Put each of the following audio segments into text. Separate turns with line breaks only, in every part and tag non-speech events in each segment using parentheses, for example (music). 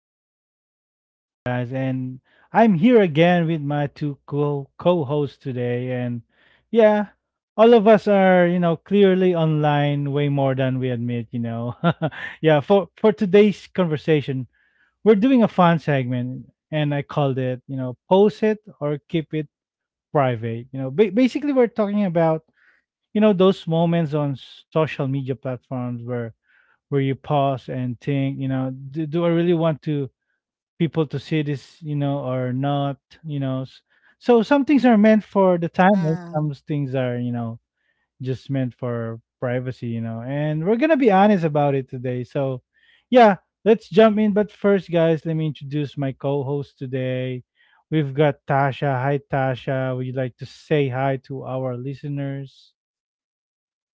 is Joe once again, guys, and I'm here again with my two co co-hosts today. And yeah, all of us are, you know, clearly online way more than we admit. You know, (laughs) yeah. For today's conversation, we're doing a fun segment, and I called it, you know, post it or keep it private. You know, basically, we're talking about, you know, those moments on social media platforms where you pause and think, you know, do I really want to people to see this, you know, or not, you know? So
Mm.
some things are meant for the time, and some things are, you know, just meant for privacy, you know. And we're gonna be honest about it today. So, yeah, let's jump in. But first, guys, let me introduce my co-host today. We've got Tasha. Hi, Tasha. Would you like to say hi to our listeners?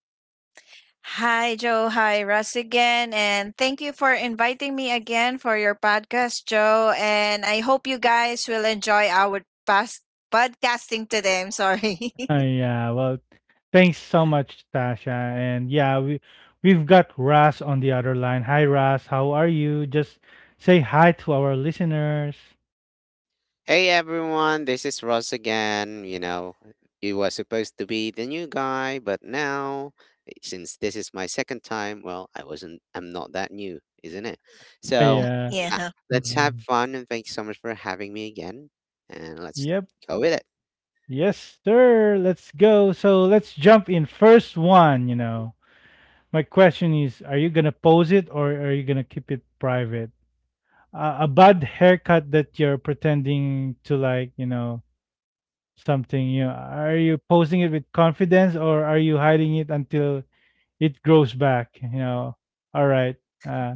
Hi, Joe. Hi, Russ again. And thank you for inviting me again for your podcast, Joe. And I hope you guys will enjoy our past podcasting today. I'm sorry. (laughs)
Yeah, well, thanks so much, Tasha. And yeah, we 've got Ras on the other line. Hi, Ras. How are you? Just say hi to our listeners.
Hey everyone, this is Ross again. You know, you were supposed to be the new guy, but now, since this is my second time. Well, I'm not that new, isn't it?
(laughs)
So,
Yeah.
yeah.
yeah, let's have fun and thank you so much for having me again. And let's
Yep.
go with it.
Yes, sir. Let's go. So let's jump in. First one, you know. My question is, are you gonna pose it or are you gonna keep it private? A bad haircut that you're pretending to like, you know, something. You know, are you posing it with confidence or are you hiding it until it grows back, you know? All right. uh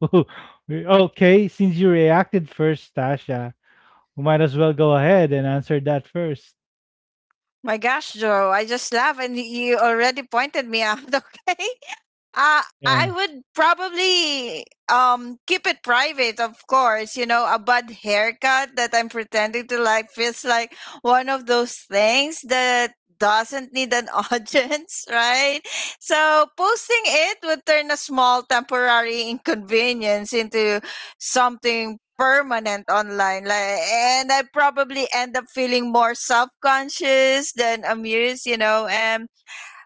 (laughs) okay, since you reacted first, Tasha, we might as well go ahead and answer that first.
My gosh, Joe, I just laugh and you already pointed me out, (laughs) okay? I
Yeah,
would probably keep it private, of course. You know, a bad haircut that I'm pretending to like feels like one of those things that doesn't need an (laughs) audience, right? So posting it would turn a small temporary inconvenience into something permanent online, like, and I probably end up feeling more self-conscious than amused, you know. And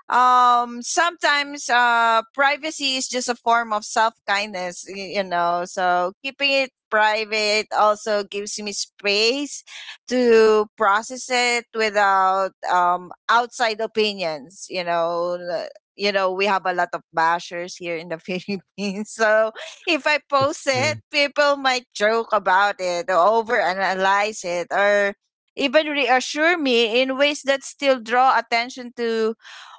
sometimes privacy is just a form of self kindness, you know. So keeping it private also gives me space to process it without outside opinions, you know. You know, we have a lot of bashers here in the (laughs) Philippines, so if I post
that's
it,
true.
people might joke about it, or overanalyze it, or even reassure me in ways that still draw attention to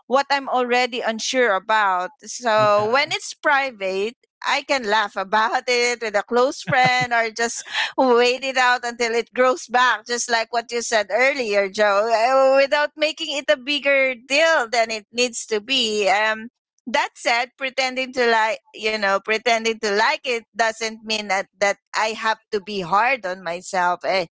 what I'm already unsure about. So
Yeah,
when it's private, I can laugh about (laughs) it with a close friend, or just wait it out until it grows back, just like what you said earlier, Joe, without making it a bigger deal than it needs to be. That said, pretending to like, you know, pretending to like it doesn't mean that, I have to be hard on myself. Eh,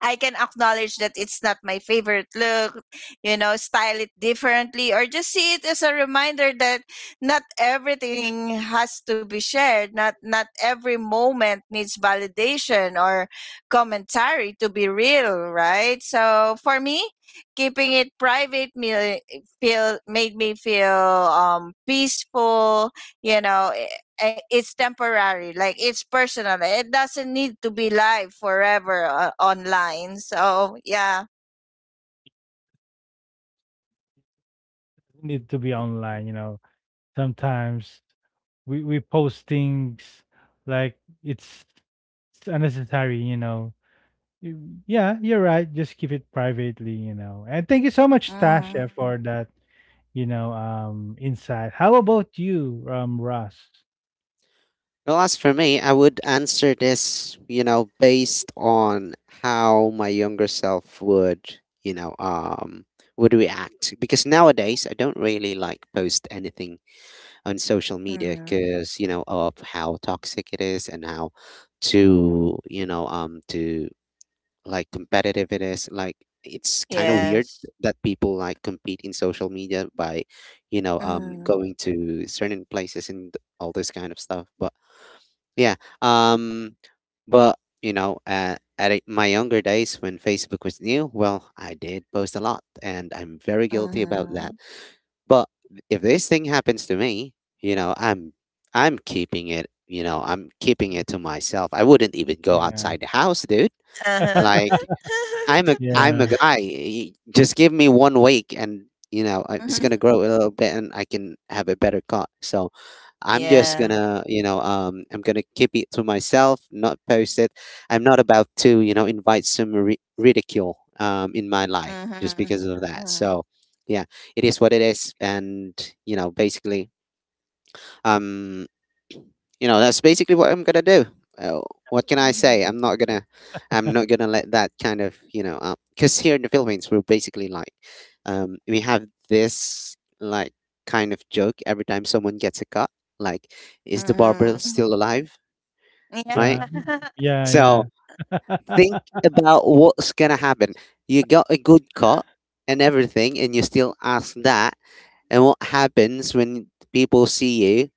I can acknowledge that it's not my favorite look, you know, style it differently, or just see it as a reminder that not everything has to be shared. Not every moment needs validation or commentary to be real, right? So for me, keeping it private me feel made me feel peaceful, you know. Eh, it's temporary, like it's personal, it doesn't need to be live forever, online. So yeah.
we need to be online, you know, sometimes we post things like it's unnecessary, you know. Yeah, you're right, just keep it privately, you know, and thank you so much,
Mm,
Tasha, for that, you know, insight. How about you, Russ?
Well, as for me, I would answer this, you know, based on how my younger self would react, because nowadays I don't really like post anything on social media
mm,
because you know of how toxic it is and how to you know to like competitive it is. Like, it's kind of weird
yes.
that people like compete in social media by you know
Mm,
going to certain places and all this kind of stuff, but yeah. Um but you know, at my younger days when Facebook was new, well, I did post a lot and I'm very guilty about
mm-hmm.
that. But if this thing happens to me, you know, I'm keeping it, you know, I'm keeping it to myself. I wouldn't even go
Yeah,
outside the house, dude.
Uh-huh.
Like,
(laughs)
I'm a
yeah,
guy. Just give me 1 week, and you know it's
Hmm.
gonna grow a little bit, and I can have a better cut. So I'm just
Yeah.
gonna you know I'm gonna keep it to myself, not post it. I'm not about to you know invite some ridicule in my life just
Mm-hmm.
because of that.
Mm-hmm.
So yeah, it is what it is, and you know basically, um, you know, that's basically what I'm gonna do. Uh, what can I say? I'm not gonna let that kind of you know, because here in the Philippines we're basically like, we have this like kind of joke every time someone gets a cut, like, is the barber
Mm-hmm. Mm-hmm.
still alive?
Yeah.
Right.
yeah, mm, mm,
(laughs)
yeah, yeah,
So think about what's gonna happen. You got a good cut and everything, and you still ask that. And what happens when people see you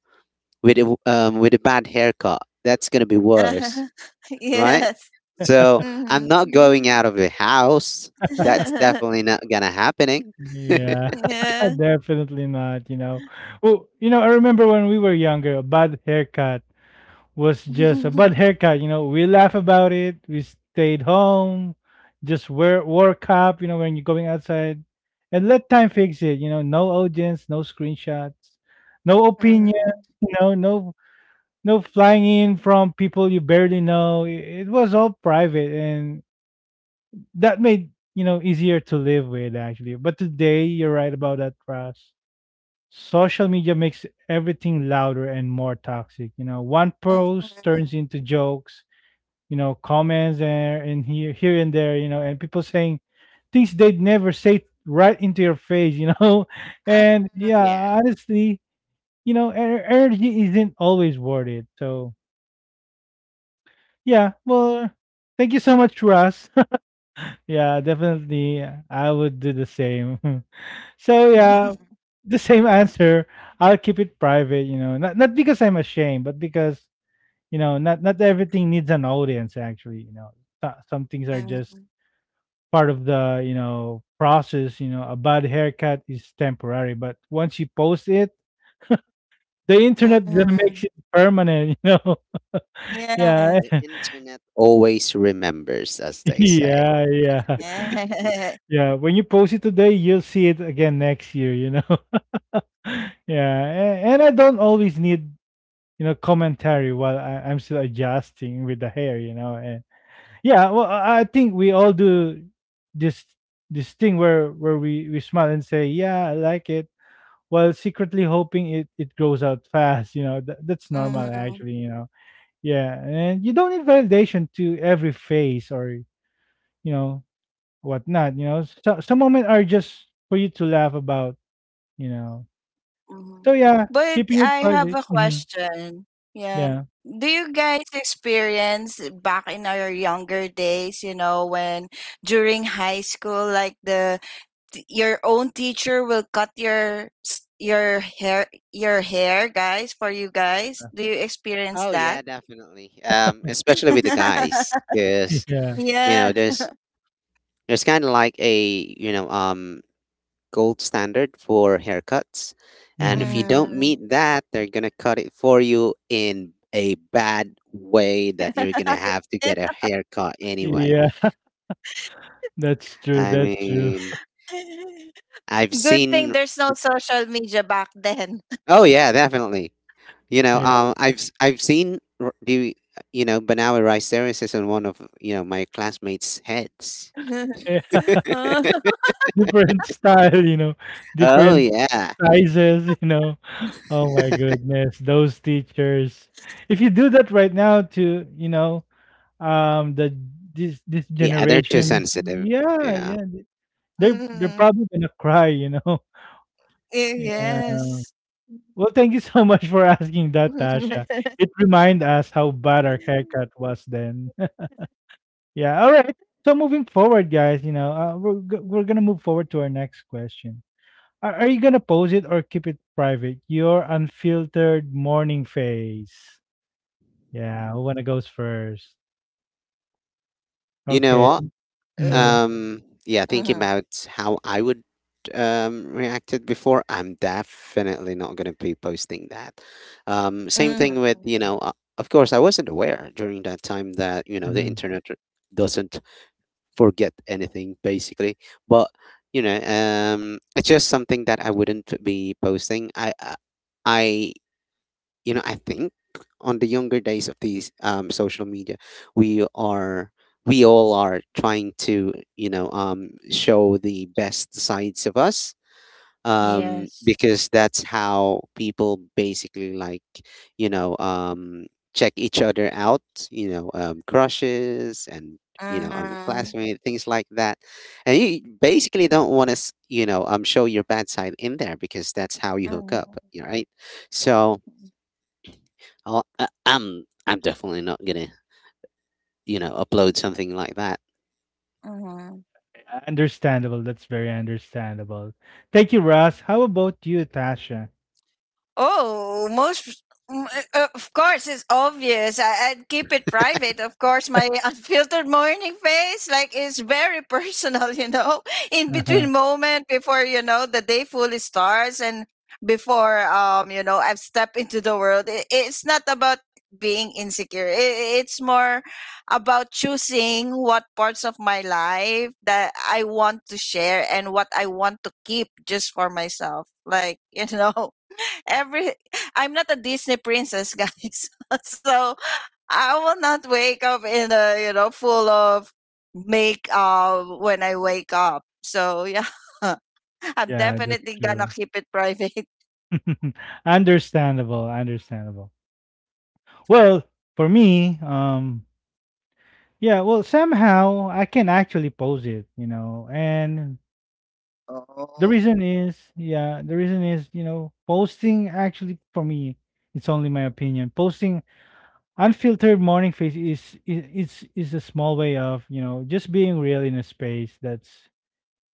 with a bad haircut? That's gonna be worse,
Uh-huh. (laughs)
right?
Yes.
So I'm
Mm-hmm.
not going out of the house. That's
(laughs)
definitely not gonna happening.
(laughs)
(laughs)
yeah, (laughs)
Yeah.
definitely not, you know. Oh, you know, I remember when we were younger, a bad haircut was just a bad
(laughs)
haircut, you know. We laugh about it, we stayed home, just wear wore cap, you know, when you're going outside, and let time fix it, you know. No audience, no screenshots, no opinions,
Mhm.
you know, no flying in from people you barely know. It was all private and that made, you know, easier to live with, actually, but today you're right about that, Russ. Social media makes everything louder and more toxic, you know, one post turns
Mhm.
into jokes, you know, comments there and here and there, you know, and people saying things they'd never say right into your face, you know. (laughs) And
Mhm.
Yeah,
yeah, honestly, you know, energy isn't always worth it, so yeah, well, thank you so much, Russ. (laughs) Yeah, definitely, I would do the same. (laughs) So yeah,
Mhm.
the same answer. I'll keep it private, you know. Not because I'm ashamed, but because, you know, not everything needs an audience, actually, you know. Some things are
Mhm.
just part of the, you know, process, you know. A bad haircut is temporary, but once you post it, the internet then
Mhm.
makes it permanent, (laughs) you know. Yeah.
Yes.
the
(laughs)
internet always remembers, as they say.
Yeah, yeah.
(laughs)
Yeah, when you post it today, you'll see it again next year, you know. (laughs) Yeah, and I don't always need, you know, commentary while I'm still adjusting with the hair, you know. And yeah, well, I think we all do this this thing where we smile and say, yeah, I like it, while secretly hoping it grows out fast, you know. That's normal,
Mhm.
actually, you know. Yeah, and you don't need validation to every face or, you know, whatnot, you know, so some moments are just for you to laugh about, you know.
Mhm.
So yeah,
But
keeping it
I have
private.
a
Hmm.
question. Yeah.
Yeah.
Do you guys experience back in our younger days, you know, when during high school, like, the your own teacher will cut your your hair, guys, for you guys? Do you experience
Oh
that?
yeah, definitely. Especially with the guys,
(laughs)
(laughs)
because
Yeah.
you
Yeah.
know, there's kind of like a you know gold standard for haircuts. And if you
Hmm.
don't meet
Mhm.
that, they're going to cut it for you in a bad way that you're going to have to get a
(laughs)
haircut anyway.
That's true,
I mean, I've
Good thing
seen.
there's no social media back then.
Oh yeah, definitely. You know,
Yeah.
I've seen the you know Banawi rice terraces on one of you know my classmates' heads.
Yeah,
(laughs) Uh,
(laughs) different style, you know,
Oh
different
yeah,
sizes, you know. (laughs) Oh my goodness, those teachers. If you do that right now to, you know, the this
yeah, they're too
generations,
sensitive.
yeah,
Yeah,
yeah, they're
Mm,
probably gonna cry, you know. (laughs) Yeah.
yes.
Well, thank you so much for asking that, Tasha.
(laughs)
It remind us how bad our haircut was then. Yeah. All right. So moving forward, guys, you know, we're gonna move forward to our next question. Are you gonna pose it or keep it private? Your unfiltered morning face. Yeah. Who wanna goes first?
you know
Okay.
what?
Uh,
Mm-hmm.
mhm,
Yeah, thinking about how I would reacted before, I'm definitely not going to be posting that. Same thing
mhm.
with, you know, of course, I wasn't aware during that time that, you know, the
Mm-hmm.
internet doesn't forget anything, basically. But, you know, it's just something that I wouldn't be posting. I you know, I think on the younger days of these social media, we are we all are trying to you know show the best sides of us,
Yes.
because that's how people basically like you know check each other out, you know, crushes and you know
Uh-huh,
classmate things like that, and you basically don't want to you know show your bad side in there because that's how you hook up,
uh-huh,
right? So I'm definitely not gonna, you know, upload something like that.
uh-huh.
Understandable. That's very understandable. Thank you, Russ. How about you, Tasha?
Oh, most of course it's obvious. I'd keep it private. Of course, my (laughs) unfiltered morning face, like, is very personal. (laughs) You know, in
Uh-huh.
between moment before, you know, the day fully starts and before, you know, I've stepped into the world. It's not about being insecure. It's more about choosing what parts of my life that I want to share and what I want to keep just for myself. Like, (laughs) you know, every (laughs) I'm not a Disney princess, guys. (laughs) So I will not wake up in a, you know, full of makeup when I wake up. So yeah, (laughs) I'm
Yeah, that's
definitely gonna
true.
keep it private. (laughs)
(laughs) Understandable. Understandable. Well, for me, yeah, well, somehow I can actually post it, you know. And the reason is, yeah, the reason is, you know, posting actually for me, it's only my opinion. Posting unfiltered morning face is a small way of, you know, just being real in a space that's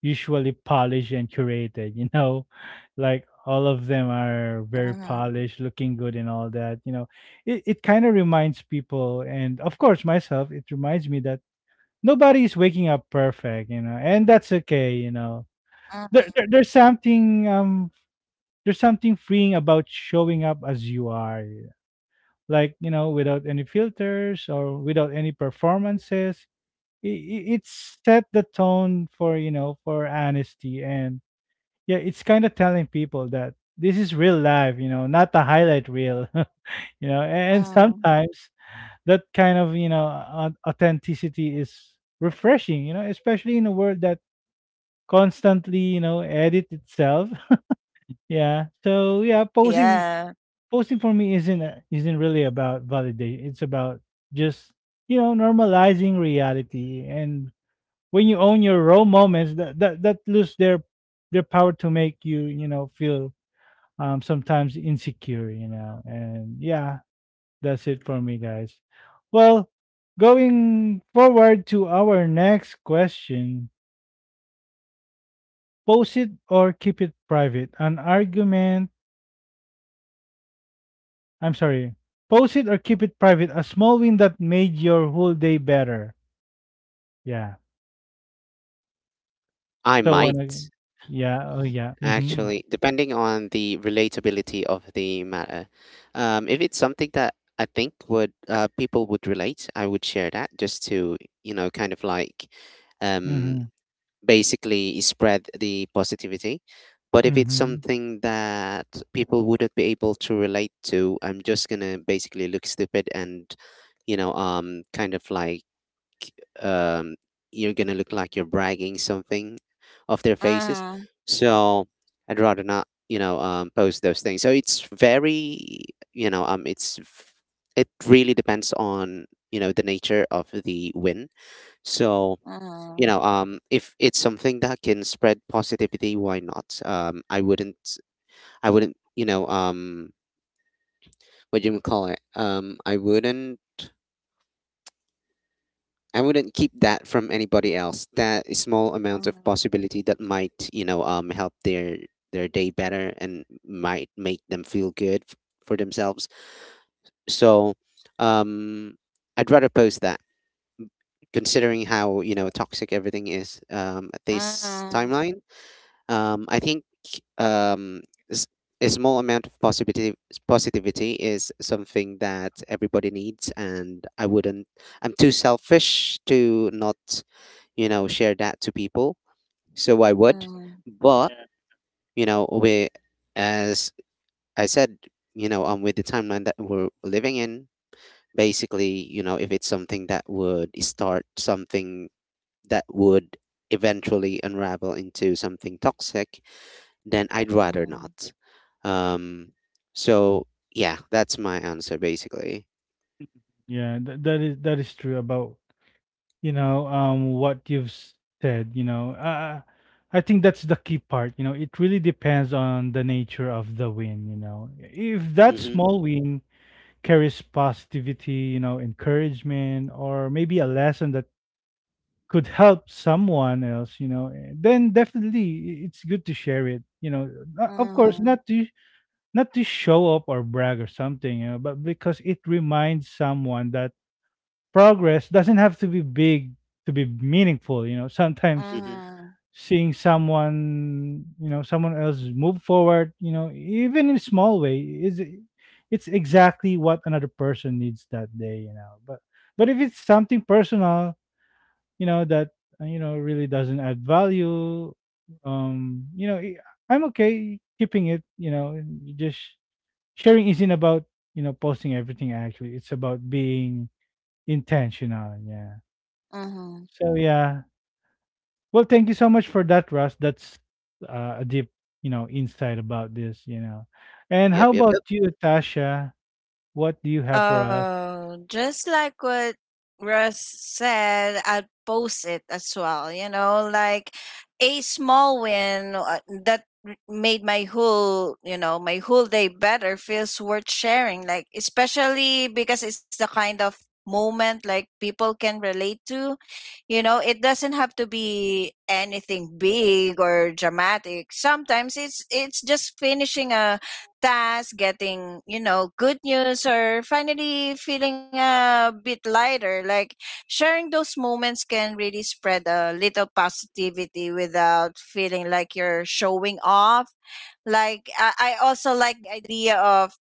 usually polished and curated, you know. (laughs) Like all of them
Mm-hmm,
are very polished, looking good and all that, you know. It kind of reminds people and, of course, myself, it reminds me that nobody is waking up perfect, you know, and that's okay, you know.
mm-hmm,
There, there there's something um there's something freeing about showing up as you are, like, you know, without any filters or without any performances. It set the tone for, you know, for honesty. And yeah, it's kind of telling people that this is real life, you know, not the highlight reel, (laughs) you know. And
mm-hmm.
sometimes that kind of, you know, authenticity is refreshing, you know, especially in a world that constantly, you know, edit itself. (laughs) Yeah. So yeah,
Yeah.
posting for me isn't really about validation. It's about just, you know, normalizing reality. And when you own your raw moments, that lose their power to make you, you know, feel sometimes insecure. You know. And yeah, that's it for me, guys. Well, going forward to our next question. Post it or keep it private. An argument. I'm sorry. Post it or keep it private. A small win that made your whole day better. Yeah.
I
So when
might
I- yeah, oh yeah. Mhm.
actually, depending on the relatability of the matter. If it's something that I think would people would relate, I would share that just to, you know, kind of like, um,
Mhm.
basically spread the positivity. But if it's
Mhm.
something that people wouldn't be able to relate to, I'm just gonna basically look stupid and, you know, kind of like um, you're gonna look like you're bragging something off their faces.
Mm-hmm,
So I'd rather not, you know, post those things. So it's very, you know, it's it really depends on you know the nature of the win. So you know, if it's something that can spread positivity, why not? I wouldn't, you know, what do you call it? I wouldn't keep that from anybody else. That is small amount of
mm-hmm,
possibility that might, you know, help their day better and might make them feel good for themselves. So, um, I'd rather post that, considering how you know toxic everything is, at this
mm-hmm,
timeline. I think, um, s- a small amount of positivity is something that everybody needs, and I wouldn't. I'm too selfish to not, you know, share that to people. So I would, but
Yeah.
you know, we, as I said, you know, with the timeline that we're living in, basically, you know, if it's something that would start something that would eventually unravel into something toxic, then I'd rather
mm-hmm,
not. Um, so yeah, that's my answer basically.
Yeah, that is true about, you know, what you've said, you know. Uh, I think that's the key part, you know. It really depends on the nature of the win, you know. If that
Mhm.
small win carries positivity, you know, encouragement or maybe a lesson that could help someone else, you know, eh, then definitely it's good to share it, you know. Of course,
mm-hmm,
not to not to show up or brag or something, you know, but because it reminds someone that progress doesn't have to be big to be meaningful, you know. Sometimes
mm-hmm,
Mhm.
mm-hmm,
seeing someone, you know, someone else move forward, you know, even in a small way, is it's exactly what another person needs that day, you know. But if it's something personal, you know, that, you know, really doesn't add value, you know, I'm okay keeping it, you know. And just sharing isn't about, you know, posting everything, actually, it's about being intentional, yeah.
mm-hmm.
So yeah, well, thank you so much for that, Russ, that's a deep, you know, insight about this, you know. And
Yep,
how
yep, yep.
about you, Tasha, what do you have for us?
Just like what Russ said, I'd post it as well. You know, like a small win, that made my whole, you know, my whole day better feels worth sharing. Like, especially because it's the kind of moment like people can relate to. You know, it doesn't have to be anything big or dramatic. Sometimes it's just finishing a tasks, getting, you know, good news, or finally feeling a bit lighter. Like, sharing those moments can really spread a little positivity without feeling like you're showing off. Like, I also like the idea of,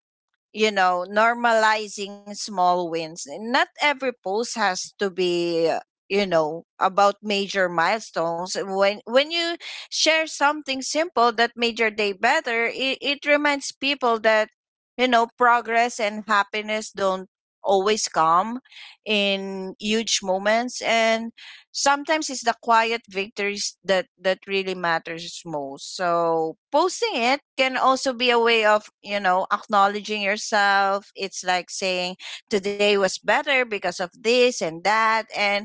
you know, normalizing small wins. Not every post has to be, you know, about major milestones. When you share something simple that made your day better, it reminds people that, you know, progress and happiness don't always come in huge moments. And sometimes it's the quiet victories that really matters most. So posting it can also be a way of, you know, acknowledging yourself. It's like saying, today was better because of this and that. And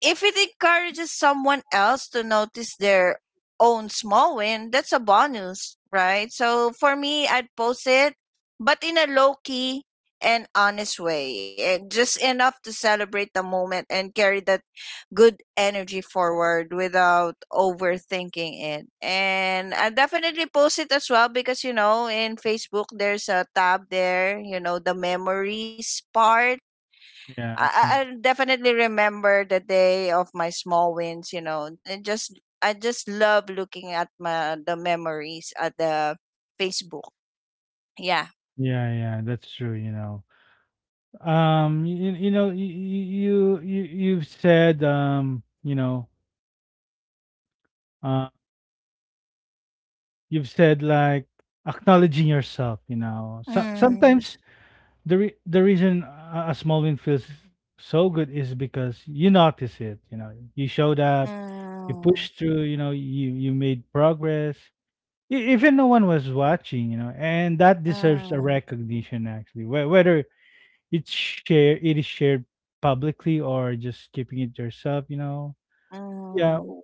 if it encourages someone else to notice their own small win, that's a bonus, right? So for me, I'd post it, but in a low key and honest way, and just enough to celebrate the moment and carry that good energy forward without overthinking it. And I definitely post it as well because, you know, in Facebook there's a tab there, you know, the memories part. I
Yeah,
I
mm,
i definitely remember the day of my small wins, you know. And just I just love looking at my the memories at the Facebook. Yeah.
yeah, yeah, that's true, you know. You you've said, uh, you've said like acknowledging yourself. You know, so,
Mm,
sometimes the reason a small win feels so good is because you notice it. You know, you showed up, you
mm,
pushed through. You know, you made progress. Even no one was watching, you know, and that deserves a
mm,
recognition, actually. Whether it is shared publicly or just keeping it yourself, you know. Yeah,
mm,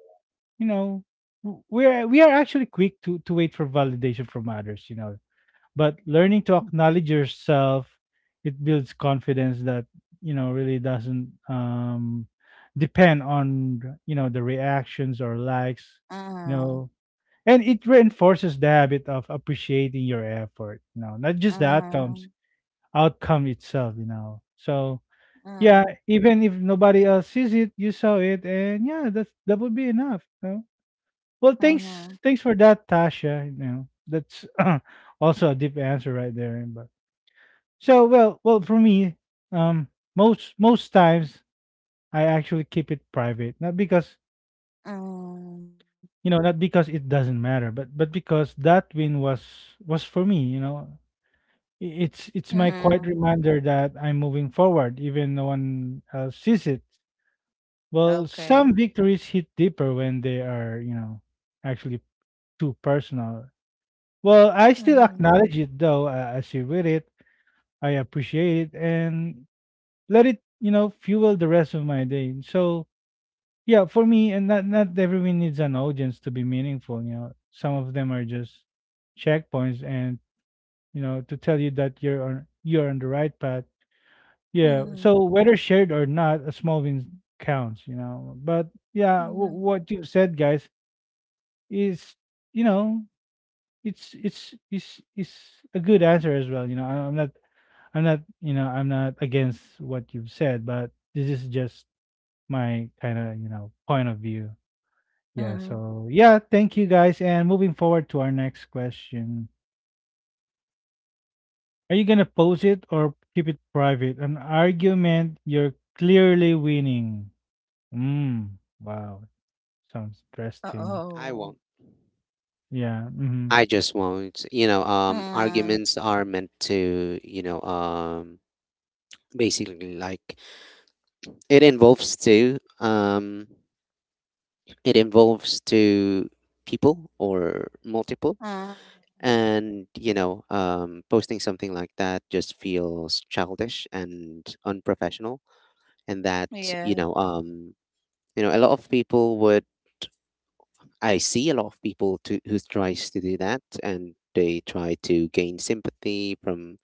you know, we are actually quick to wait for validation from others, you know. But learning to acknowledge yourself, it builds confidence that, you know, really doesn't depend on, you know, the reactions or likes, you
mm,
know. And it reinforces the habit of appreciating your effort, you know, not just
mm,
outcome itself, you know. So yeah,
mm,
even if nobody else sees it, you saw it, and yeah, that's that would be enough, you know. Well,
mm. Mm.
thanks for that, Tasha. You know, that's (clears throat) also a deep answer right there. But so, well, for me, um, most times I actually keep it private, not because,
Mm,
you know, not because it doesn't matter, but because that win was for me. You know, it's my
mm,
quiet reminder that I'm moving forward, even no one else sees it. Well,
Okay.
some victories hit deeper when they are actually too personal. Well, I still
Mm,
acknowledge it though as you read it. I appreciate it and let it fuel the rest of my day. So yeah, for me, and not everyone needs an audience to be meaningful. You know, some of them are just checkpoints, and to tell you that you're on the right path. Yeah.
mm,
So whether shared or not, a small win counts. You know, but yeah,
mm,
what you said, guys, is you know, it's is a good answer as well. You know, I'm not against what you've said, but this is just my kind of point of view. Yeah.
mm.
So, yeah, thank you guys. And moving forward to our next question. Are you going to post it or keep it private? An argument you're clearly winning. Mm, wow. Sounds interesting.
I won't.
Oh.
Yeah. Mm-hmm.
I just won't. You know,
Mm,
arguments are meant to, you know, basically like it involves two. It involves two people or multiple.
mm,
And you know, posting something like that just feels childish and unprofessional, and that you
Yeah.
know, you know, a lot of people would, I see a lot of people to, who tries to do that and they try to gain sympathy from,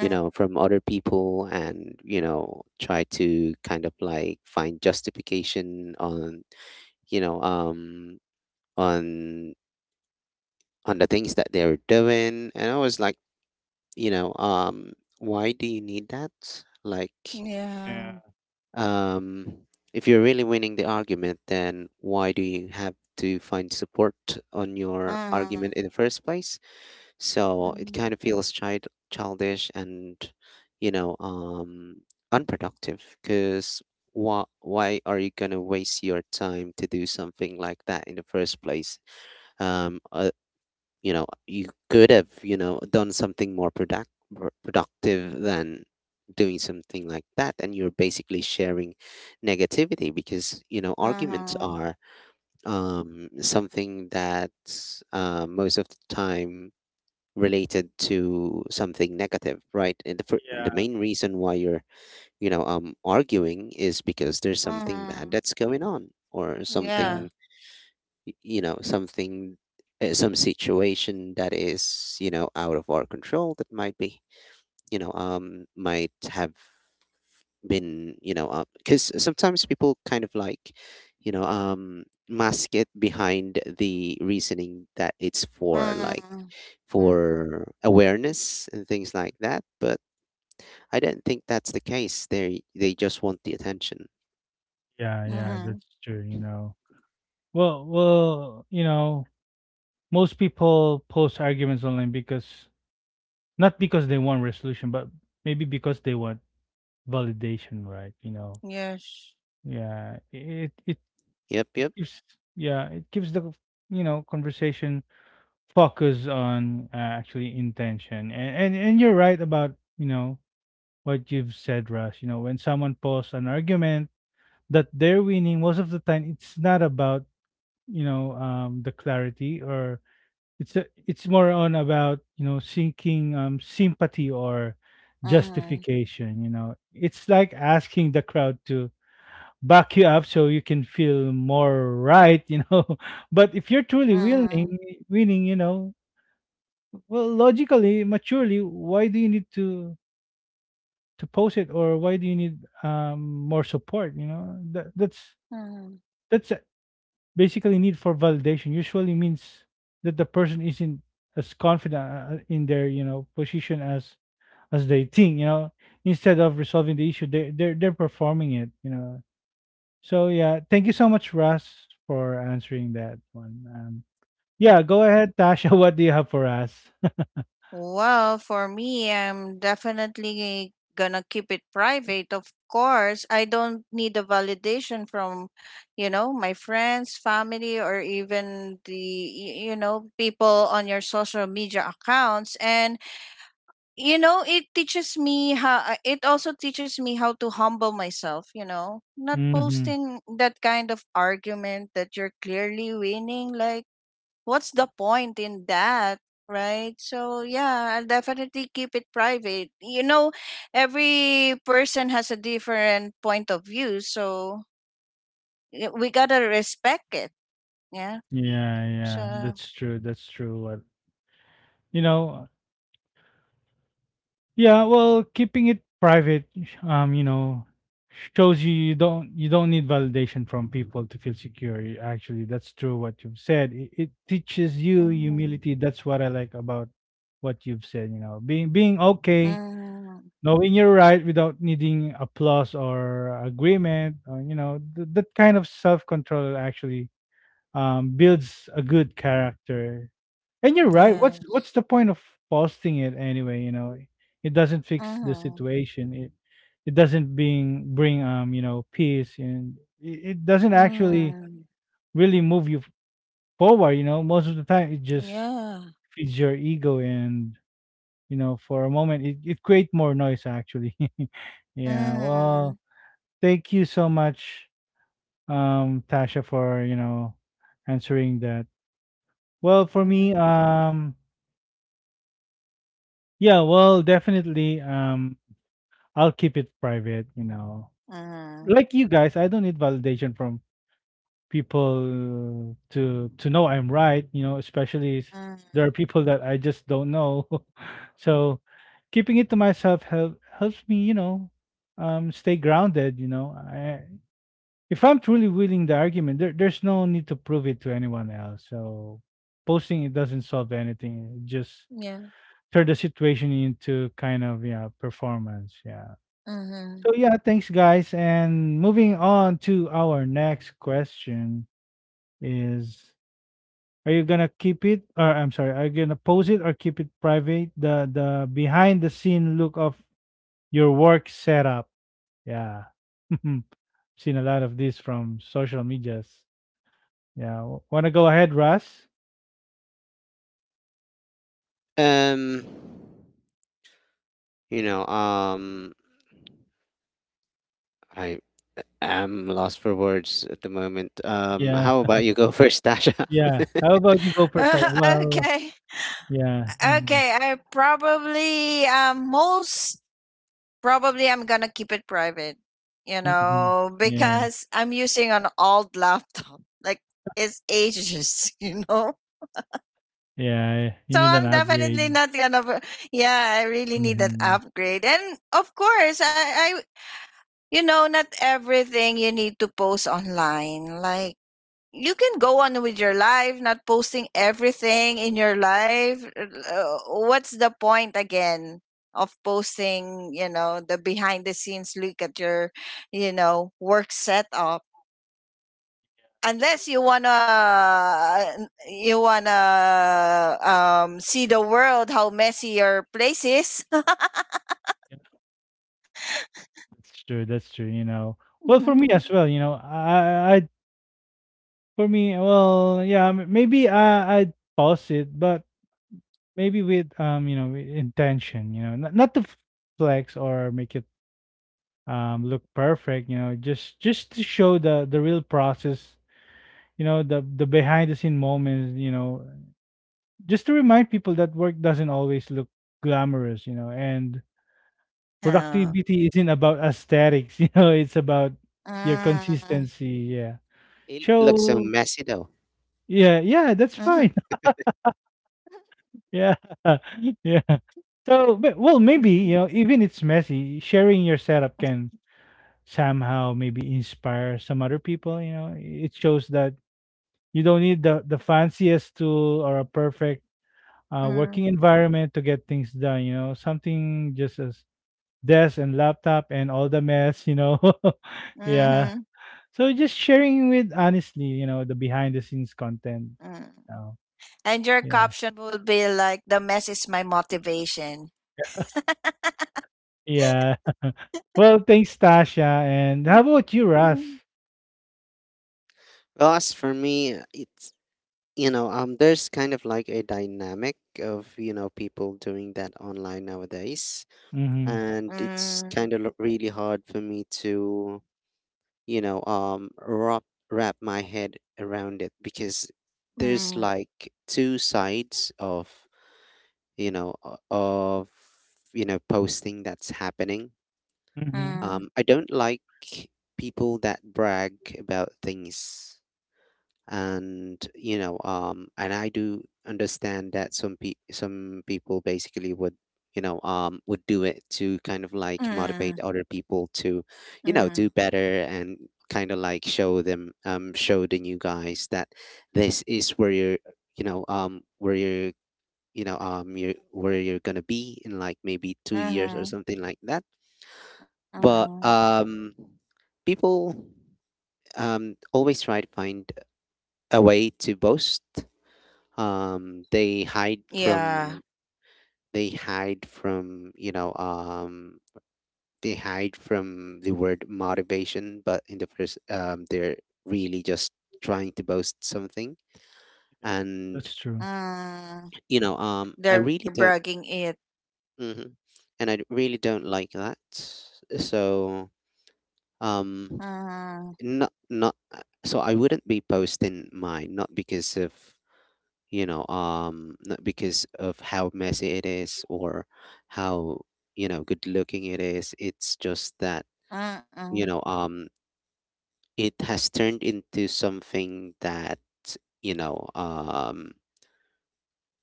you know, from other people and, you know, try to kind of like find justification on, you know, on, on the things that they're doing. And I was like, you know, why do you need that? Like,
Yeah.
yeah.
Um, if you're really winning the argument, then why do you have to find support on your
Mm,
argument in the first place? So it
mm,
kind of feels childish and, you know, unproductive. Because why are you gonna waste your time to do something like that in the first place? Um, uh, you know you could have you know done productive than doing something like that, and you're basically sharing negativity because you know arguments
mm,
are, something that, most of the time related to something negative, right? And the, the
Yeah.
main reason why you're you know arguing is because there's something bad
mm,
that's going on or
Yeah.
Yeah.
something you know something, some situation that is you know out of our control that might be you know might have been, you know, because sometimes people kind of like you know mask it behind the reasoning that it's for like
Mm, mm,
for awareness and things like that, but I don't think that's the case. They just want the attention.
Yeah. Yeah. That's
mm,
true. You know, well, most people post arguments online because, not because they want resolution, but maybe because they want validation, right? You know,
Yes.
yeah, it
Yep, yep.
gives, yeah, it gives the, you know, conversation focus on actually intention, and, and you're right about what you've said, Russ. You know, when someone posts an argument that they're winning, most of the time it's not about, the clarity or— it's more on about, you know, seeking sympathy or
Mm,
justification, you know. It's like asking the crowd to back you up so you can feel more right, you know. (laughs) But if you're truly willing
mm,
winning, you know, well logically, maturely, why do you need to post it or why do you need um more support, you know? That that's
mm.
that's basically— need for validation usually means that the person isn't as confident in their, you know, position as they think, you know. Instead of resolving the issue, they're performing it, you know. So yeah, thank you so much, Russ, for answering that one. Yeah, go ahead, Tasha. (laughs) What do you have for us?
Well, for me, I'm definitely gonna keep it private. Of course, I don't need the validation from, you know, my friends, family, or even the, you know, people on your social media accounts. And, you know, it teaches me how, it also teaches me how to humble myself, you know,
(laughs)
not
Mm-hmm.
posting that kind of argument that you're clearly winning. Like, what's the point in that, right? So yeah, I'll definitely keep it private, you know. Every person has a different point of view, so we gotta respect it. Yeah.
Yeah,
So
yeah, that's true. What, you know— Yeah, well, keeping it private, you know, shows you— you don't need validation from people to feel secure. Actually, that's true what you've said. It teaches you
mhm.
humility. That's what I like about what you've said. You know, being okay,
Mhm.
knowing you're right without needing applause or agreement. Or, you know, that kind of self control actually builds a good character, and you're right. What's
Yes.
what's the point of posting it anyway? You know, it doesn't fix the
Mm-hmm.
situation. It doesn't being bring you know peace, and it doesn't actually
Mm-hmm.
really move you forward. You know, most of the time it just
Yeah.
feeds your ego and, you know, for a moment it creates more noise actually. (laughs) Yeah.
Mm-hmm.
Well, thank you so much, Tasha, for, you know, answering that. Well, for me,
Mm-hmm.
yeah. Well, definitely, I'll keep it private, you know.
Mm-hmm.
Like you guys, I don't need validation from people to know I'm right, you know, especially there
Mm-hmm,
are people that I just don't know. (laughs) So keeping it to myself helps me, you know, stay grounded, you know. I— if I'm truly willing the argument, there's no need to prove it to anyone else. So posting it doesn't solve anything. It just
yeah.
turn the situation into kind of, yeah, performance. Yeah.
Mm-hmm.
So yeah, thanks guys. And moving on to our next question is, are you gonna keep it or I'm sorry, are you gonna post it or keep it private? The behind the scene look of your work setup. Yeah. (laughs) Seen a lot of this from social medias. Yeah. Wanna go ahead, Russ?
Um, you know, I am lost for words at the moment.
Yeah.
How
(laughs)
about you go first, Tasha?
Yeah. How
(laughs)
about you go first time?
(laughs)
Well,
Okay.
yeah. Hmm.
okay I probably most Probably I'm gonna keep it private, you
Hmm.
know,
Yeah.
because I'm using an old laptop. (laughs) Like, it's ages, (laughs) you know.
Yeah. You
So
need an
I'm definitely
upgrade.
not gonna. Yeah, I really need that
Hmm.
upgrade. And of course, you know, not everything you need to post online. Like, you can go on with your life, not posting everything in your life. What's the point again of posting, you know, the behind the scenes look at your, you know, work setup? Unless you wanna, you wanna, see the world how messy your place is. (laughs)
That's true. That's true. You know, well, for me
Mhm.
as well. You know, for me, well, yeah, maybe I'd pause it, but maybe with, you know, with intention. You know, not to flex or make it look perfect. You know, just to show the real process. You know, the behind the scene moments. You know, just to remind people that work doesn't always look glamorous. You know, and productivity isn't about aesthetics. (laughs) You know, it's about
Oh.
your
Mm,
consistency. Yeah.
It looks so
So
messy though.
yeah, yeah, that's
mhm.
fine. (laughs) Yeah. (laughs) Yeah. So, but well, maybe, you know, even it's messy, sharing your setup can somehow maybe inspire some other people, you know. It shows that you don't need the fanciest tool or a perfect
Mm,
working environment to get things done, you know. Something just as desk and laptop and all the mess, you know. (laughs)
mhm,
Yeah.
mhm.
So just sharing with honestly, you know, the behind the scenes content.
(laughs)
You know?
And your
Yeah.
caption will be like, the mess is my motivation.
Yeah. (laughs) Well, thanks, Tasha. And how about you, Russ?
Hmm.
Well, as for me, it's you know there's kind of like a dynamic of you know people doing that online nowadays,
Mm-hmm.
and it's kind of really
Mm,
hard for me to you know wrap my head around it because there's like two
mm,
sides of you know of you know posting that's happening.
Mm-hmm.
I don't like
mm,
people that brag about things, and you know and I do understand that some people basically would you know would do it to kind of like motivate other people to you know do better,
mm,
and kind of like show them,
mm,
show the new guys that this is where you're, you know, where you're, you know, you're where you're gonna be in like maybe 2 years or something like that. But
mhm,
people
mhm.
always try to find a way to boast. um they hide from they hide from you know
Yeah.
they hide from the word motivation, but in the first they're really just trying to boast something, and
That's true.
Mm,
you know I
they're
really
bragging
don't.
it.
Mhm. And I really
Mm,
don't like that. So um not not so I wouldn't be posting
mm,
mine, not because of you know not because of how messy it is or how you know good looking it is. It's just that you know it has
mm,
turned into something that you know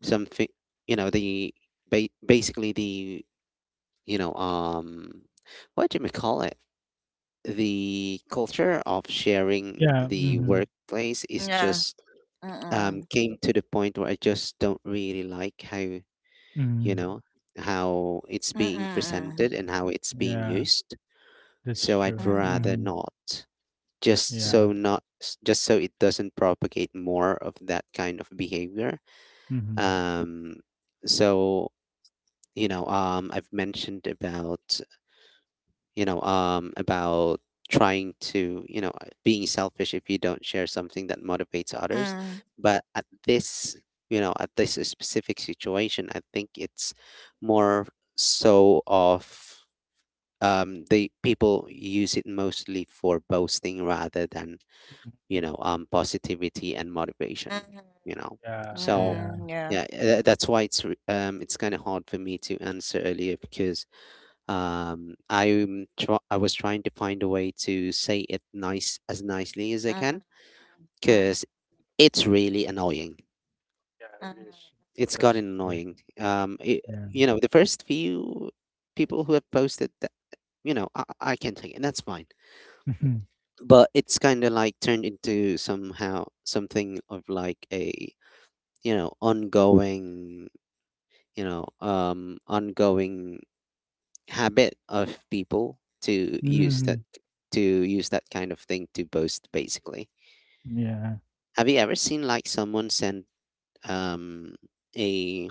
something, you know, the basically the, you know, what do you call it, the culture of sharing
Yeah.
the
Mm-hmm.
workplace is just
yeah. Mm,
came to
mm,
the point where I just don't really like how you
Mm-hmm.
know, how it's
mm,
being presented
mm,
and how it's being
Yeah.
used.
That's
So I'd
true.
rather
mm,
Mm-hmm.
not, just so
Yeah.
not, just so it doesn't propagate more of that kind of behavior.
Mm-hmm.
Um, so I've mentioned about about trying to, being selfish if you don't share something that motivates others.
mm,
But at this, you know, at this specific situation, I think it's more so of the people use it mostly for boasting rather than, positivity and motivation, you know.
Yeah.
So,
Yeah.
yeah,
yeah.
that's why it's kind of hard for me to answer earlier because I was trying to find a way to say it nicely as I
Mm,
can because
mm,
it's really annoying.
Yeah. It
mm,
is.
It's
That's
gotten
true.
annoying.
Yeah.
The first few people who have posted that, you know, I can take it. And That's fine.
(laughs)
But it's kind of like turned into somehow something of like a, you know, ongoing habit of people
Mm-hmm.
to use that kind of thing to boast basically.
Yeah.
Have you ever seen like someone send um a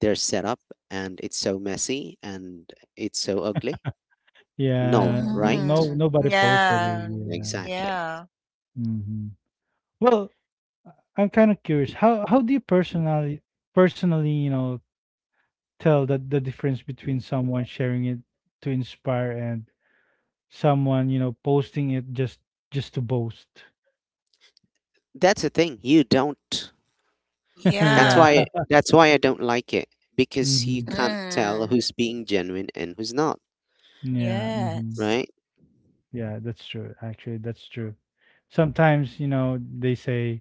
their setup and it's so messy and it's so ugly? No,
Yeah. Well,
right?
no.
mm,
Nobody posted it.
yeah.
Yeah.
Exactly.
Yeah.
Mm-hmm. Well, I'm kind of curious. How do you personally, you know, tell that the difference between someone sharing it to inspire and someone, you know, posting it just— just to boast?
That's the thing, you don't.
(laughs)
That's
Yeah.
why
Yeah.
that's why I don't like it, because you
Hmm.
can't tell who's
Mm.
being genuine and who's not.
Yeah. Hmm.
Right?
Yes.
Yeah, that's true actually, that's true. Sometimes you know they say,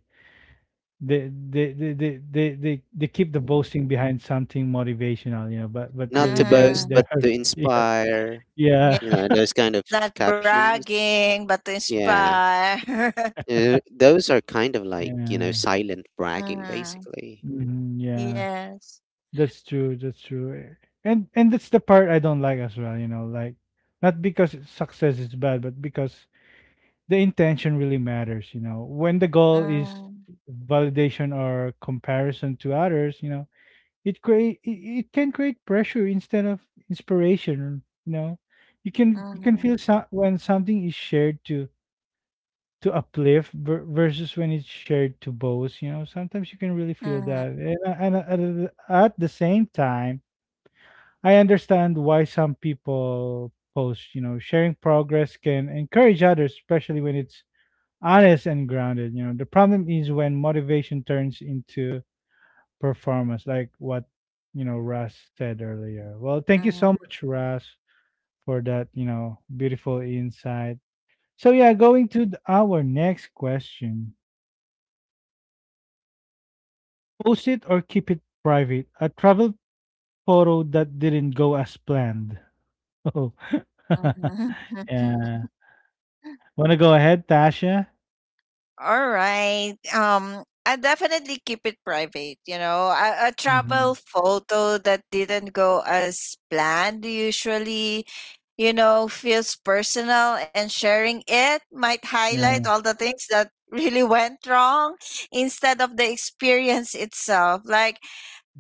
they keep the boasting behind something motivational, you know, but
Not
really,
to
they're
boast
they're
but
Mm-hmm.
to
(laughs) yeah.
inspire,
Yeah.
you
Yes.
know,
(laughs)
those kind of
Not
captions.
bragging, but to
Yeah.
inspire. (laughs)
Those are kind of like, you know,
Yeah.
silent bragging,
Mm-hmm.
basically.
Mhm, yeah.
Yes.
That's true. That's true. Eh, and that's the part I don't like as well, you know, like not because success is bad, but because the intention really matters, you know. When the goal is
Mm-hmm.
validation or comparison to others, you know, it create it, it can create pressure instead of inspiration, you know. You can— you can feel
Mm-hmm.
when something is shared to— to uplift versus when it's shared to boast, you know. Sometimes you can really feel that. And at the same time, I understand why some people post, you know, sharing progress can encourage others, especially when it's honest and grounded. You know, the problem is when motivation turns into performance, like what, you know, Russ said earlier. Well, thank you so much, Russ, for that, you know, beautiful insight. So, yeah, going to our next question, post it or keep it private? A travel photo that didn't go as planned. (laughs) Oh, (laughs)
Mm-hmm. (laughs)
yeah. Want to go ahead, Tasha?
All right. I definitely keep it private. You know, a travel
Mhm.
photo that didn't go as planned usually, you know, feels personal, and sharing it might highlight all
Yeah,
the things that really (laughs) went wrong instead of the experience itself. Like,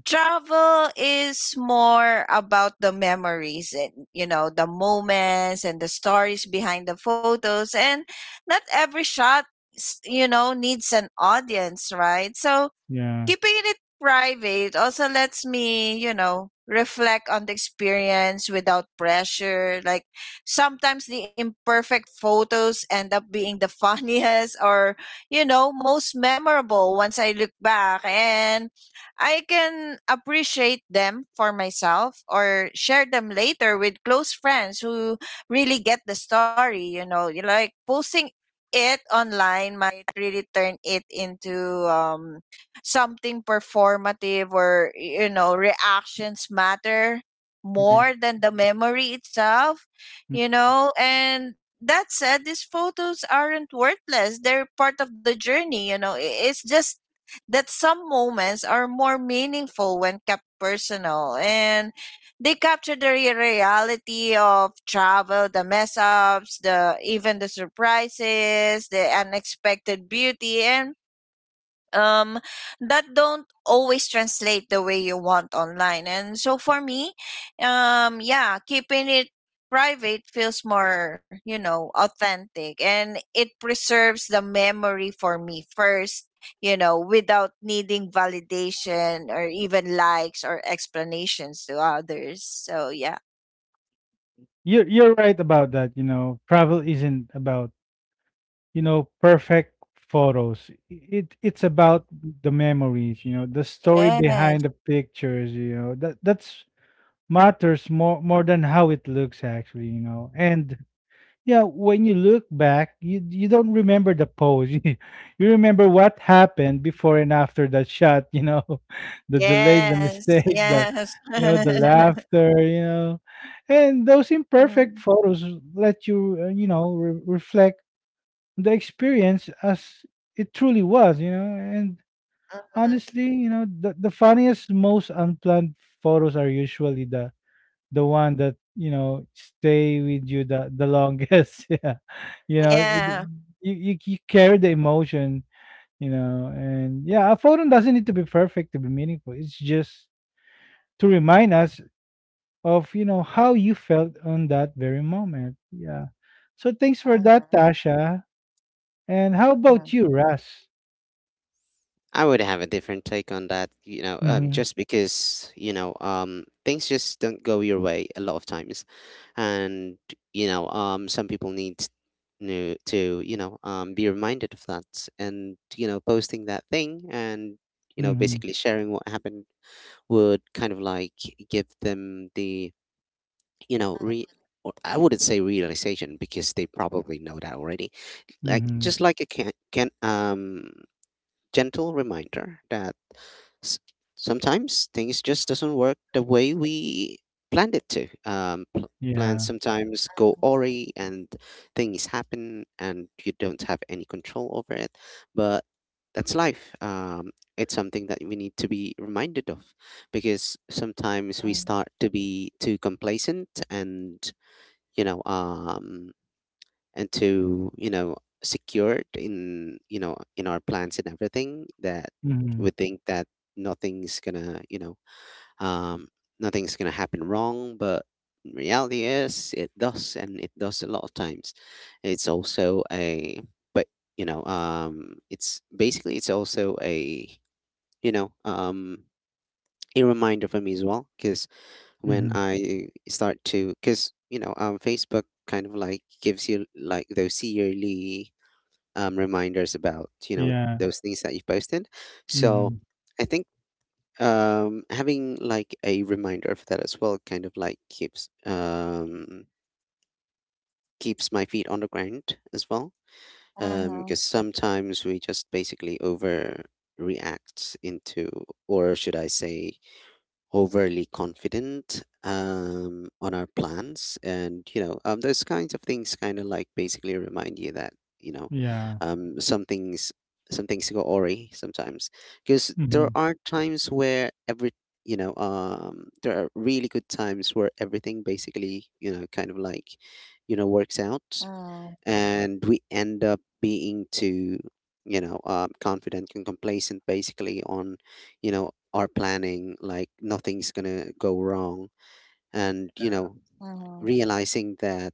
travel is more about the memories and, you know, the moments and the stories behind the photos. And not every shot, you know, needs an audience, right? So
yeah,
keeping it private also lets me, you know, reflect on the experience without pressure. Like, sometimes the imperfect photos end up being the (laughs) funniest or, you know, most memorable once I look back. And I can appreciate them for myself or share them later with close friends who really get the story, you know. Like, posting it online might really turn it into something performative, or you know, reactions matter
yeah.
more than the memory itself,
Mhm.
you know. And that said, these photos aren't worthless, they're part of the journey, you know. It's just that some moments are more meaningful when kept personal, and they capture the reality of travel, the mess ups, the even the surprises, the unexpected beauty, and um that don't always translate the way you want online. And so for me, yeah, keeping it private feels more, you know, authentic, and it preserves the memory for me first, you know, without needing validation or even likes or explanations to others. So yeah.
You're right about that. You know, travel isn't about, you know, perfect photos. It's about the memories. You know, the story
Yes,
behind the pictures. You know that that's matters more than how it looks actually. You know, and yeah, when you look back, you don't remember the pose, (laughs) you remember what happened before and after that shot, you know. (laughs) The delays, the
yes,
mistake, the,
yes.
you know, the
(laughs)
laughter, you know. And those
Mm.
imperfect photos let you, you know, reflect the experience as it truly was, you know. And
Mhm.
honestly, you know, the funniest, most unplanned photos are usually the one that, you know, stay with you the longest. (laughs) Yeah. You know, it,
Yeah.
you carry the emotion, you know. And yeah, a photo doesn't need to be perfect to be meaningful. It's just to remind us of, you know, how you felt on that very moment. Yeah. So thanks
Mhm.
for that, Tasha. And
Mhm.
how about you, Russ?
I would have a different take on that, you know,
Mm-hmm.
just because, you know, things just don't go your way a lot of times. And, you know, some people need new to, you know, be reminded of that. And, you know, posting that thing and, you know,
Mm-hmm.
basically sharing what happened would kind of like give them the, you know, re— or I wouldn't say realization because they probably know that already, like
Mm-hmm.
just like a can gentle reminder that s- sometimes things just doesn't work the way we planned it to. Plans
Yeah.
Mhm.
sometimes go awry and things happen and you don't have any control over it. But that's life. It's something that we need to be reminded of because
Mm.
sometimes we start to be too complacent and you know um and to secured in in our plans and everything that
Mm-hmm.
we think that nothing's gonna um nothing's gonna happen wrong, but in reality is it does, and it does a lot of times. It's also a, but you know it's basically it's also a you know um a reminder for me as well because when
Mm-hmm.
I start to, because you know Facebook kind of like gives you like those yearly reminders about you know
Yeah.
those things that you posted. So
Mm-hmm.
I think having like a reminder of that as well kind of like keeps keeps my feet on the ground as well,
Uh-huh.
because sometimes we just basically overreact into, or should I say, overly confident on our plans, and you know those kinds of things kind of like basically remind you that you know
Yeah.
um, some things some things go awry sometimes, because there
Mm-hmm.
are times where every, you know there are really good times where everything basically you know kind of like you know works
Uh-huh.
out and we end up being too you know confident and complacent basically on you know our planning, like nothing's gonna go wrong and you
Yeah.
know,
Uh-huh.
realizing that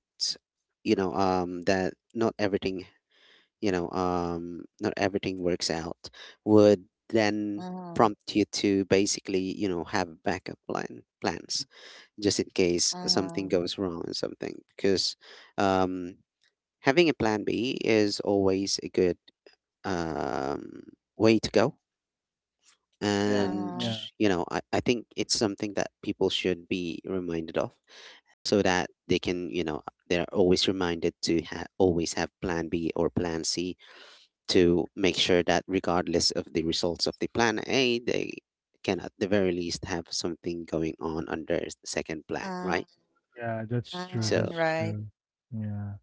you know that not everything you know not everything works out would then
Uh-huh.
prompt you to basically you know have a backup plan plans just in case
Uh-huh.
something goes wrong or something because um having a plan B is always a good um, way to go.
Yeah.
Uh-huh.
And,
Yeah.
you know, I think it's something that people should be reminded of so that they can, you know, they're always reminded to always have plan B or plan C to make sure that regardless of the results of the plan A, they can at the very least have something going on under the second plan,
Uh,
right?
Yeah,
huh uh huh uh huh
that's
uh huh uh
true.
huh uh huh uh huh.
So
That's
Right.
true. Yeah.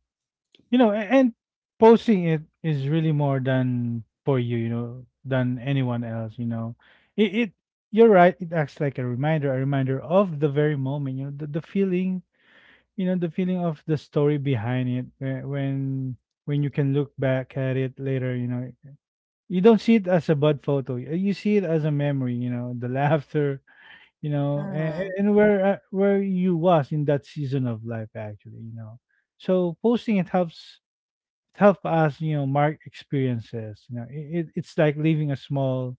You know, a- and posting it is really more than for you, you know, than anyone else, you know. It— you're right, it acts like a reminder of the very moment, you know, the feeling, you know, the feeling of the story behind it when you can look back at it later, you know. You don't see it as a bad photo. You see it as a memory, you know, the (laughs) laughter, you know,
Uh-huh.
and where you was in that season of life, actually, you know. So posting it help us, you know, mark experiences, you know. It's like leaving a small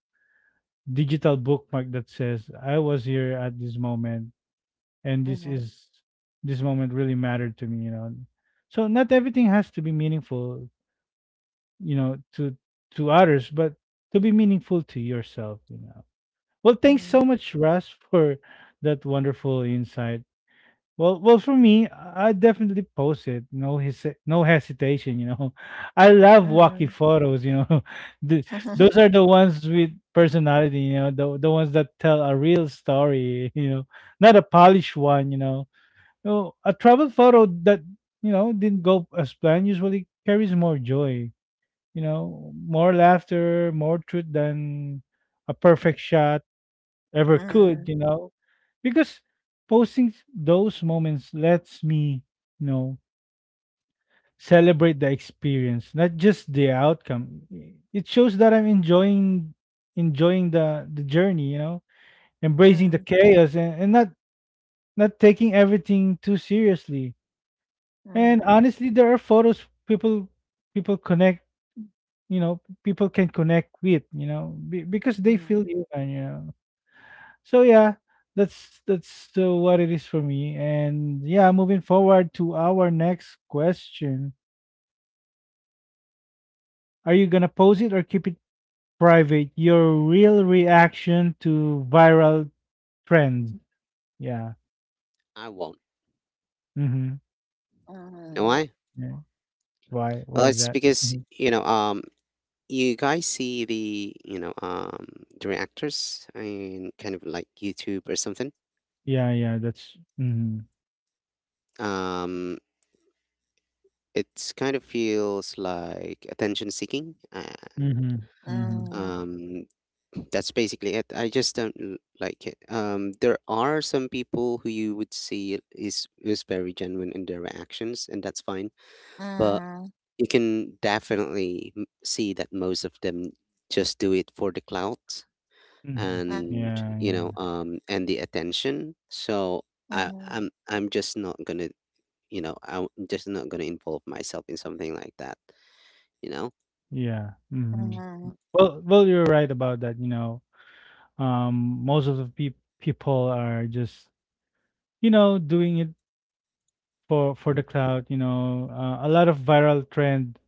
digital bookmark that says I was here at this moment, and
Uh-huh.
this moment really mattered to me, you know. So not everything has to be meaningful, you know, to others, but to be meaningful to yourself, you know. Well, thanks
Mm.
so much, Russ, for that wonderful insight. Well, for me, I definitely post it. No hesitation. You know, (laughs) I love
Mhm.
wacky photos. You know, (laughs) the,
Mhm.
those are the ones with personality. You know, the ones that tell a real story. (laughs) You know, not a polished one. You know, no, a travel photo that, you know, didn't go as planned usually carries more joy. You know, more laughter, more truth than a perfect shot ever could, you know, because posting those moments lets me, you know, celebrate the experience, not just the outcome. It shows that I'm enjoying the journey, you know, embracing the
Mhm.
chaos, and not taking everything too seriously. And
Mhm.
honestly, there are photos people people connect, you know, people can connect with, you know, because they
Mhm.
feel you, and you know. So yeah, that's what it is for me. And yeah, moving forward to our next question: are you gonna post it or keep it private? Your real reaction to viral trends. Yeah.
I won't.
Mm-hmm.
Mhm.
Know why?
Yeah. why
Well,
why is
it's
that?
because,
Hmm.
you know, you guys see the the reactors in kind of like YouTube or something.
Yeah, yeah, that's, mm-hmm.
Um, it's kind of feels like attention seeking, and
Mm-hmm.
Mhm.
Mm-hmm.
Mhm.
um, that's basically it. I just don't like it. There are some people who you would see is very genuine in their reactions, and that's fine. But you can definitely see that most of them just do it for the clout
Mm-hmm.
Mhm.
and
Yeah,
you know
yeah,
and the attention. So I'm just not gonna, you know, I'm just not gonna involve myself in something like that, you know.
yeah. Mm-hmm.
Mhm. (laughs)
Well, you're right about that, you know. Um, most of the people are just, you know, doing it for the cloud, you know. Uh, a lot of viral trend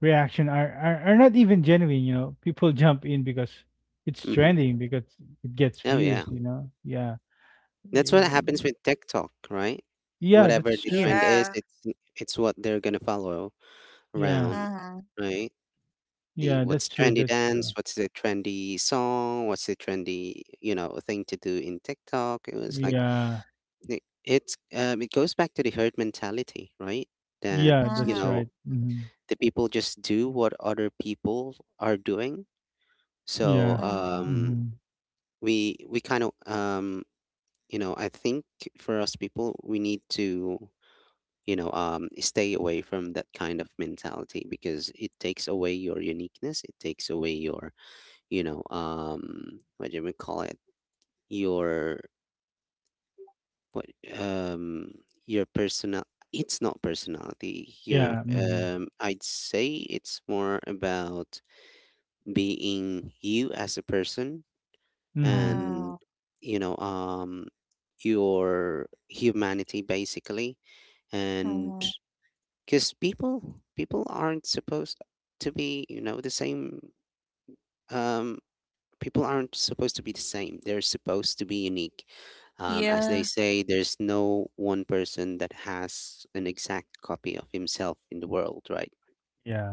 reaction are not even genuine, you know. People (laughs) jump in because it's
Hmm.
trending, because it gets
Oh yeah.
views, you know. Yeah.
That's what
Y-
happens with TikTok, right?
yeah,
Whatever
that's
the
true.
trend
Yeah.
is, it's what they're gonna follow
Yeah,
around,
Uh-huh.
right? The
yeah,
what's
that's true,
trendy
that's
dance,
true.
what's the trendy song, what's the trendy you know thing to do in TikTok. It was like
Yeah,
it's it goes back to the herd mentality, right? That
yeah,
you
Uh-huh.
that's
know
right. Hmm.
the people just do what other people are doing. So
Yeah.
Uh-huh.
Hmm.
we kind of you know I think for us people we need to you know stay away from that kind of mentality because it takes away your uniqueness, it takes away your you know what do we call it, your what um your personal, it's not personality you
Yeah. Hmm.
I'd say it's more about being you as a person
Hmm.
Uh-huh.
and you know your humanity basically, and
Uh-huh.
because people aren't supposed to be you know the same um people aren't supposed to be the same, they're supposed to be unique, as they
Yeah.
say there's no one person that has an exact copy of himself in the world, right?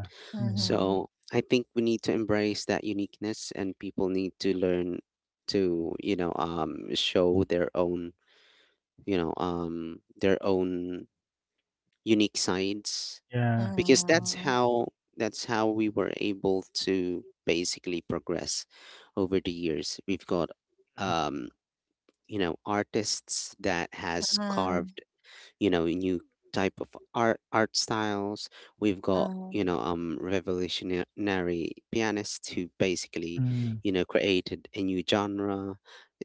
Uh
Hmm.
huh.
So I think we need to embrace that uniqueness and people need to learn to you know show their own you know their own unique sides,
Yeah.
because
Mm-hmm.
Uh-huh.
that's how we were able to basically progress over the years. We've got
Yeah.
um you know artists that has
Uh-huh.
carved you know new type of art styles, we've got you know revolutionary pianists who basically
Hmm.
you know created a new genre,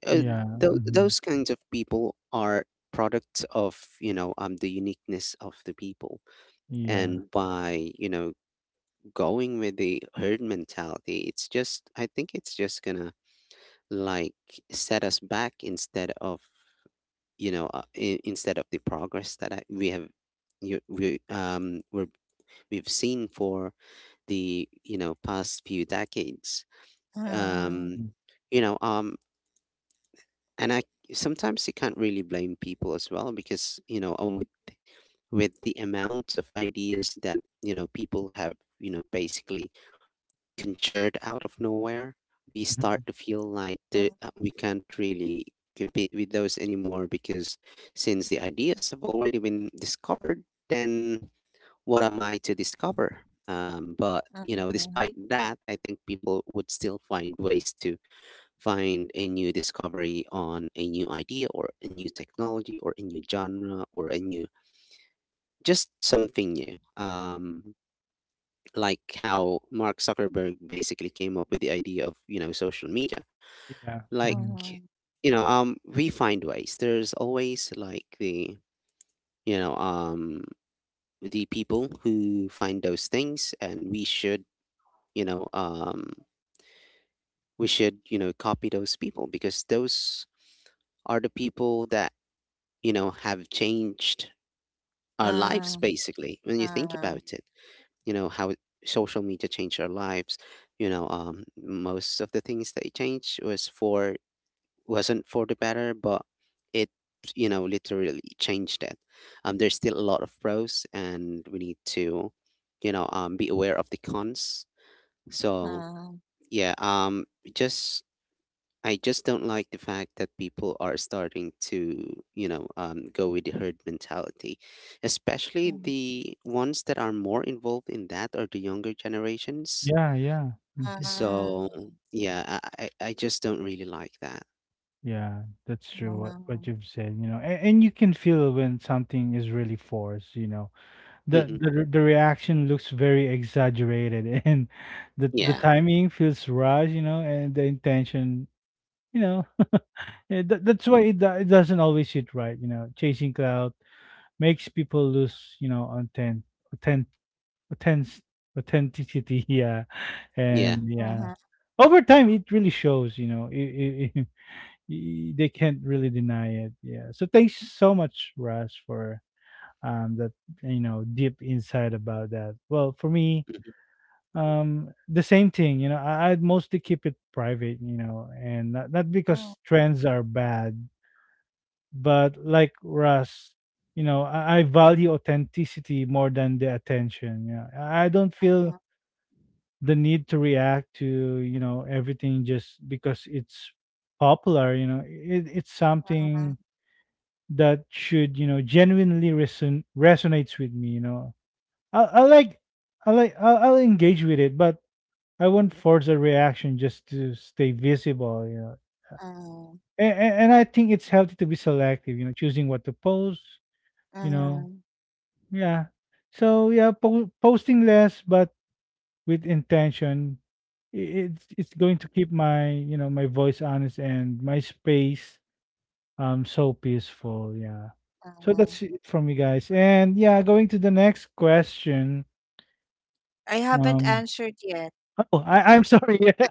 uh,
Yeah.
th-
Mm-hmm.
those kinds of people are products of you know the uniqueness of the people, and by you know going with the herd mentality, it's just, I think it's just gonna like set us back instead of, you know, instead of the progress that we have, we, we've seen for the, you know, past few decades.
Yeah.
Uh-huh.
Um, you know, and I, sometimes you can't really blame people as well because, you know, with the amount of ideas that, you know, people have, you know, basically conjured out of nowhere, we start
Mhm.
to feel
Uh-huh.
like we can't really compete with those anymore because since the ideas have already been discovered, then what am I to discover?
Mhm,
But you know,
mhm,
despite that, I think people would still find ways to find a new discovery on a new idea or a new technology or a new genre or a new just something new. Like how Mark Zuckerberg basically came up with the idea of you know social media.
Yeah,
Like
mhm.
mhm,
you know, we find ways. There's always like the you know the people who find those things, and we should you know we should you know copy those people because those are the people that you know have changed our lives
mhm,
basically when you think about
mhm,
it, you know how social media changed our lives you know most of the things that it changed was for wasn't for the better but it you know literally changed it. Um, there's still a lot of pros and we need to you know be aware of the cons. So
mhm,
yeah, just I just don't like the fact that people are starting to, you know, go with the herd mentality. Especially
mhm, mhm, mhm,
the ones that are more involved in that are the younger generations.
Yeah, yeah, mhm.
So, yeah, I just don't really like that.
Yeah, that's true, what you've said, you know, and you can feel when something is really forced, you know. The
Hmm.
the re- the reaction looks very exaggerated (laughs) and the
Yeah,
timing feels rushed, you know, and the intention, you know. (laughs) Yeah, that's why it doesn't always sit right, you know. Chasing cloud makes people lose, you know, on 10 Authentic authenticity, (laughs) yeah,
yeah.
and
mhm,
yeah, over time it really shows. You know, (laughs) they can't really deny it. Yeah. So thanks so much, Russ, for that, you know, deep insight about that. Well, for me,
Hmm.
the same thing. You know, I'd mostly keep it private. You know, and not
mhm,
because trends are bad, but like Russ, you know, I value authenticity more than the attention. Yeah, I don't feel the need to react to, you know, everything just because it's popular, you know. It's something that should, you know, genuinely resonates with me, you know. I, I like i like I'll, I'll engage with it, but I won't force a reaction just to stay visible, you know. And I think it's healthy to be selective, you know, choosing what to post, you know.
mhm,
Yeah. So yeah, posting less but with intention, i- it's going to keep my, you know, my voice honest and my space, so peaceful. Yeah. So
mhm.
that's it from me, guys. And yeah, going to the next question.
I haven't
Um.
answered yet.
Oh, I'm sorry. (laughs) Yeah.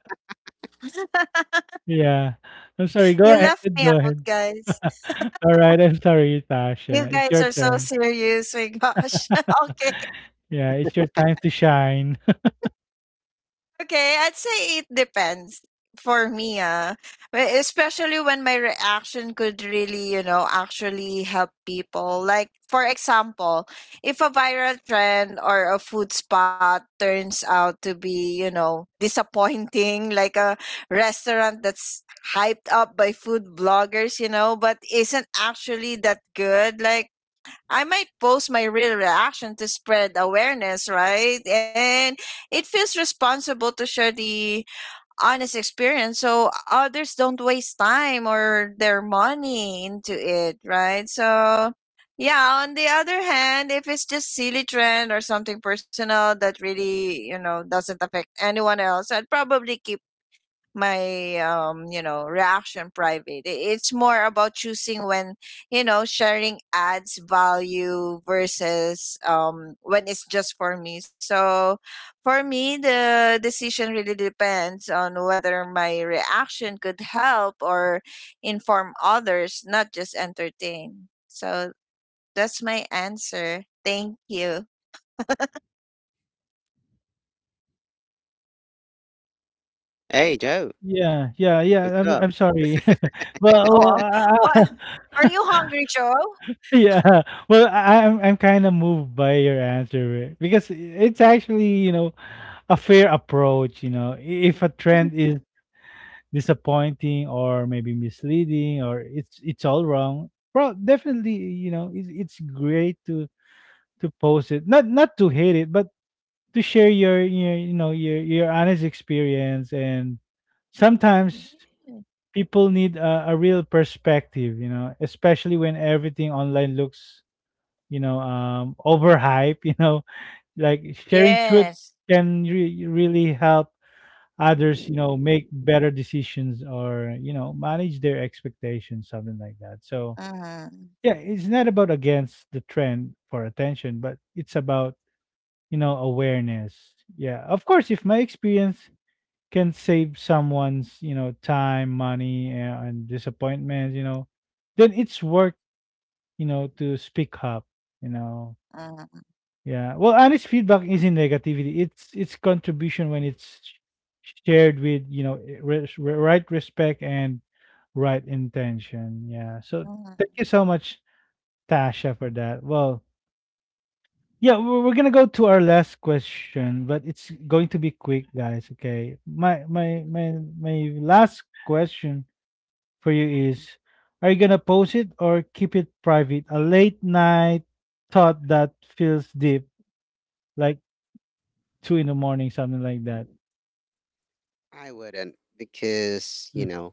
(laughs)
Yeah. I'm sorry.
You
Go ahead.
left me
Go
out,
ahead.
guys.
(laughs) All right. I'm sorry,
You
Tasha. It's
guys
your
are so
turn.
serious. My gosh. (laughs) Okay.
Yeah, it's your time to shine.
Okay, I'd say it depends for me, ah. Especially when my reaction could really, you know, actually help people. Like, for example, if a viral trend or a food spot turns out to be, you know, (laughs) disappointing, like a restaurant that's hyped up by food bloggers, you know, but isn't actually that good, like, I might post my real reaction to spread awareness, right? And it feels responsible to share the honest experience so others don't waste time or their money into it, right? So, yeah, on the other hand, if it's just silly trend or something personal that really, you know, doesn't affect anyone else, I'd probably keep my, you know, reaction private. It's more about choosing when, you know, sharing adds value versus, when it's just for me. So for me, the decision really depends on whether my reaction could help or inform others, not just entertain. So that's my answer, thank you.
Hey, Joe,
Yeah, yeah,
what's
yeah.
up?
I'm sorry. (laughs) Well, well,
Oh,
uh,
what are you hungry, Joe?
(laughs) yeah. Well, I'm kind of moved by your answer, eh, because it's actually, you know, a fair approach, you know. If a trend
(laughs)
is disappointing or maybe misleading or it's all wrong, well, definitely, you know, it's great to post it, not to hate it, but to share your you know your honest experience, and sometimes people need a real perspective, you know, especially when everything online looks, you know, overhype (laughs) you know. Like
Yes.
sharing truth can really help others, you know, make better decisions, or, you know, manage their expectations, something like that, so
Hmm.
yeah. It's not about against the trend for attention, but it's about, you know, awareness. Yeah, of course if my experience can save someone's, you know, time, money, and disappointment, you know, then it's worth, you know, to speak up, you know. Yeah. Well, honest feedback isn't negativity. It's contribution when it's shared with, you know, eh, right respect and right intention. Yeah. So thank
嗯
you so much, Tasha, for that. Well, yeah, we're gonna go to our last question, but it's going to be quick, guys. Okay. My my
Mhm.
my my last question for you is: are you gonna post it or keep it private? A late night thought that feels deep, like 2 in the morning, something like that.
I wouldn't, because, you
Mm,
know,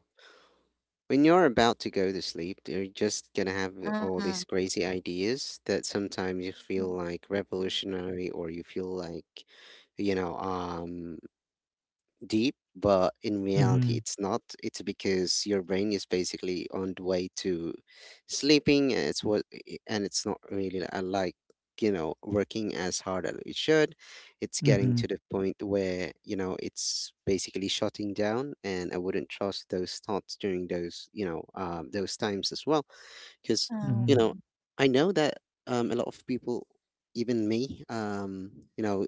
when you're about to go to sleep, you're just gonna have
嗯
all
嗯
these crazy ideas that sometimes you feel like revolutionary or you feel like, you know, deep, but in reality,
mhm,
it's not. It's because your brain is basically on the way to sleeping, and and it's not really like you know working as hard as it should. It's getting to
mhm,
the point where you know it's basically shutting down, and I wouldn't trust those thoughts during those you know those times as well
嗯嗯
because
mhm.
you know I know that a lot of people even me you know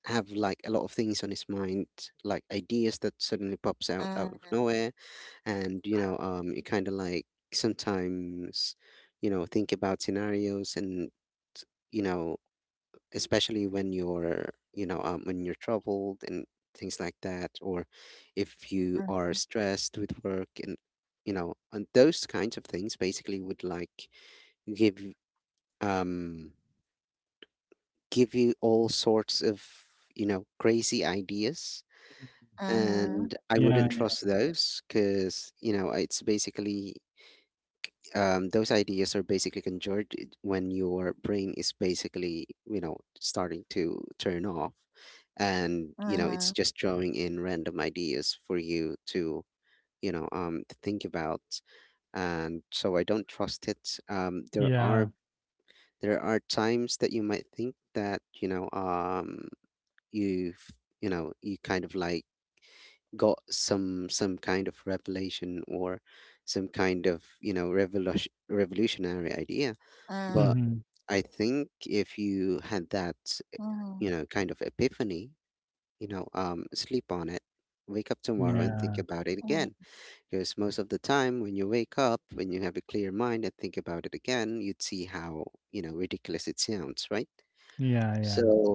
have like a lot of things on his mind, like ideas that suddenly
嗯
pops out out of nowhere, and you know you kind of like sometimes you know think about scenarios and you know, especially when you're you know when you're troubled and things like that, or if
嗯
you are stressed with work and you know, and those kinds of things basically would like give um give you all sorts of you know crazy ideas.
嗯
And I wouldn't
Yeah,
trust those because you know it's basically those ideas are basically conjured when your brain is basically you know starting to turn off and
嗯
you know
嗯
it's just drawing in random ideas for you to you know to think about. And so I don't trust it. There
yeah.
are— There are times that you might think that, you know, you've, you know, you kind of like got some kind of revelation or some kind of, you know,
嗯嗯
revolutionary idea. But
Mhm.
I think if
嗯
you had that, you know, kind of epiphany, you know, sleep on it, wake up
嗯
tomorrow and think
Yeah.
about it again. Because most of the time when you wake up, when you have a clear mind and think about it again, you'd see how, you know, ridiculous it sounds, right?
Yeah, yeah.
So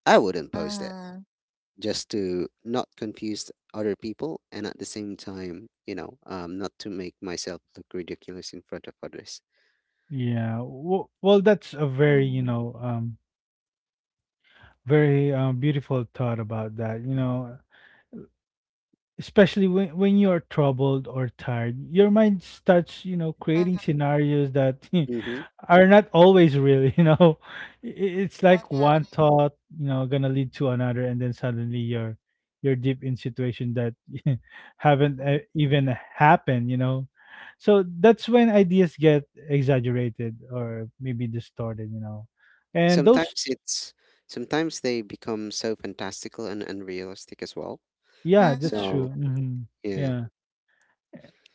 I wouldn't post it just to not confuse other people, and at the same time, you know, not to make myself look ridiculous in front of others.
Yeah. Well,
嗯
that's a very, you know, very beautiful thought about that. You know, especially when you're troubled or tired, your mind starts, you know, creating scenarios that
Hmm.
(laughs) are not always real, you know. (laughs) It's
嗯
like one thought, you know, gonna lead to another, and then suddenly you're deep in situation that (laughs) haven't even happened, you know. So that's when ideas get exaggerated or maybe distorted, you know, and
Sometimes
those.
it's sometimes they become so fantastical and unrealistic as well.
Yeah, that's
So
true.
嗯
Hmm.
yeah.
Yeah.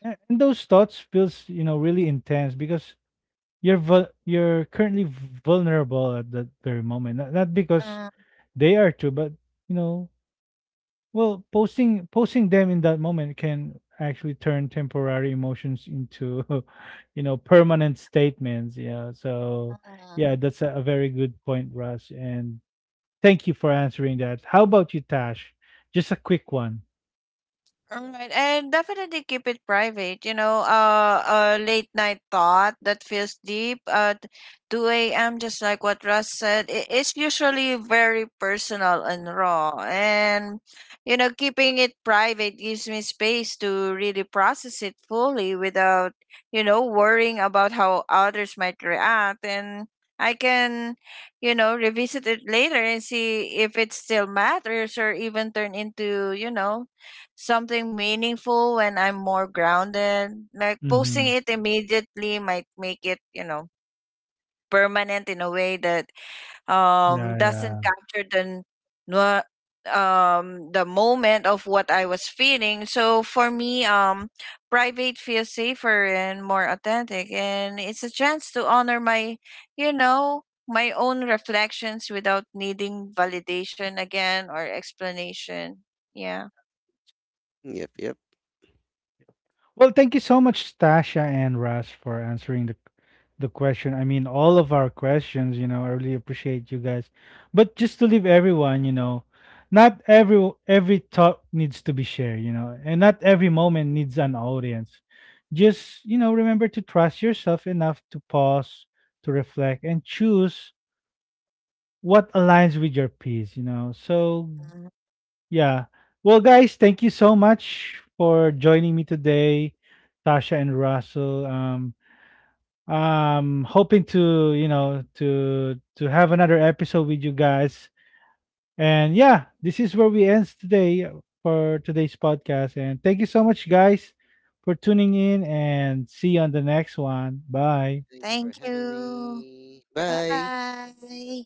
And those thoughts feels, you know, really intense because you're currently vulnerable at that very moment. Not because
嗯
they are too, but, you know, well, posting them in that moment can actually turn temporary emotions into, (laughs) you know, permanent statements. Yeah. So
嗯。
yeah, that's a very good point, Russ. And thank you for answering that. How about you, Tash? Just a quick one.
All right, and definitely keep it private. You know, a late night thought that feels deep at 2 a.m., just like what Russ said, it's usually very personal and raw. And, you know, keeping it private gives me space to really process it fully without, you know, worrying about how others might react. And I can, you know, revisit it later and see if it still matters, or even turn into, you know, something meaningful when I'm more grounded. Like, posting
Mm-hmm.
it immediately might make it, you know, permanent in a way that
Yeah,
doesn't
yeah.
capture the the moment of what I was feeling. So for me, private feels safer and more authentic, and it's a chance to honor my, you know, my own reflections without needing validation again or explanation. Yeah.
Yep, yep.
Well, thank you so much, Tasha and Russ, for answering the question. I mean, all of our questions. You know, I really appreciate you guys. But just to leave everyone, you know, not every thought needs to be shared. You know, and not every moment needs an audience. Just, you know, remember to trust yourself enough to pause, to reflect, and choose what aligns with your peace. You know, so yeah. Well, guys, thank you so much for joining me today, Tasha and Russell. Hoping to, you know, to have another episode with you guys. And yeah, this is where we ends today for today's podcast. And thank you so much, guys, for tuning in. And see you on the next one. Bye.
Thanks for
Thank
having
you.
me.
Bye
Bye.
bye.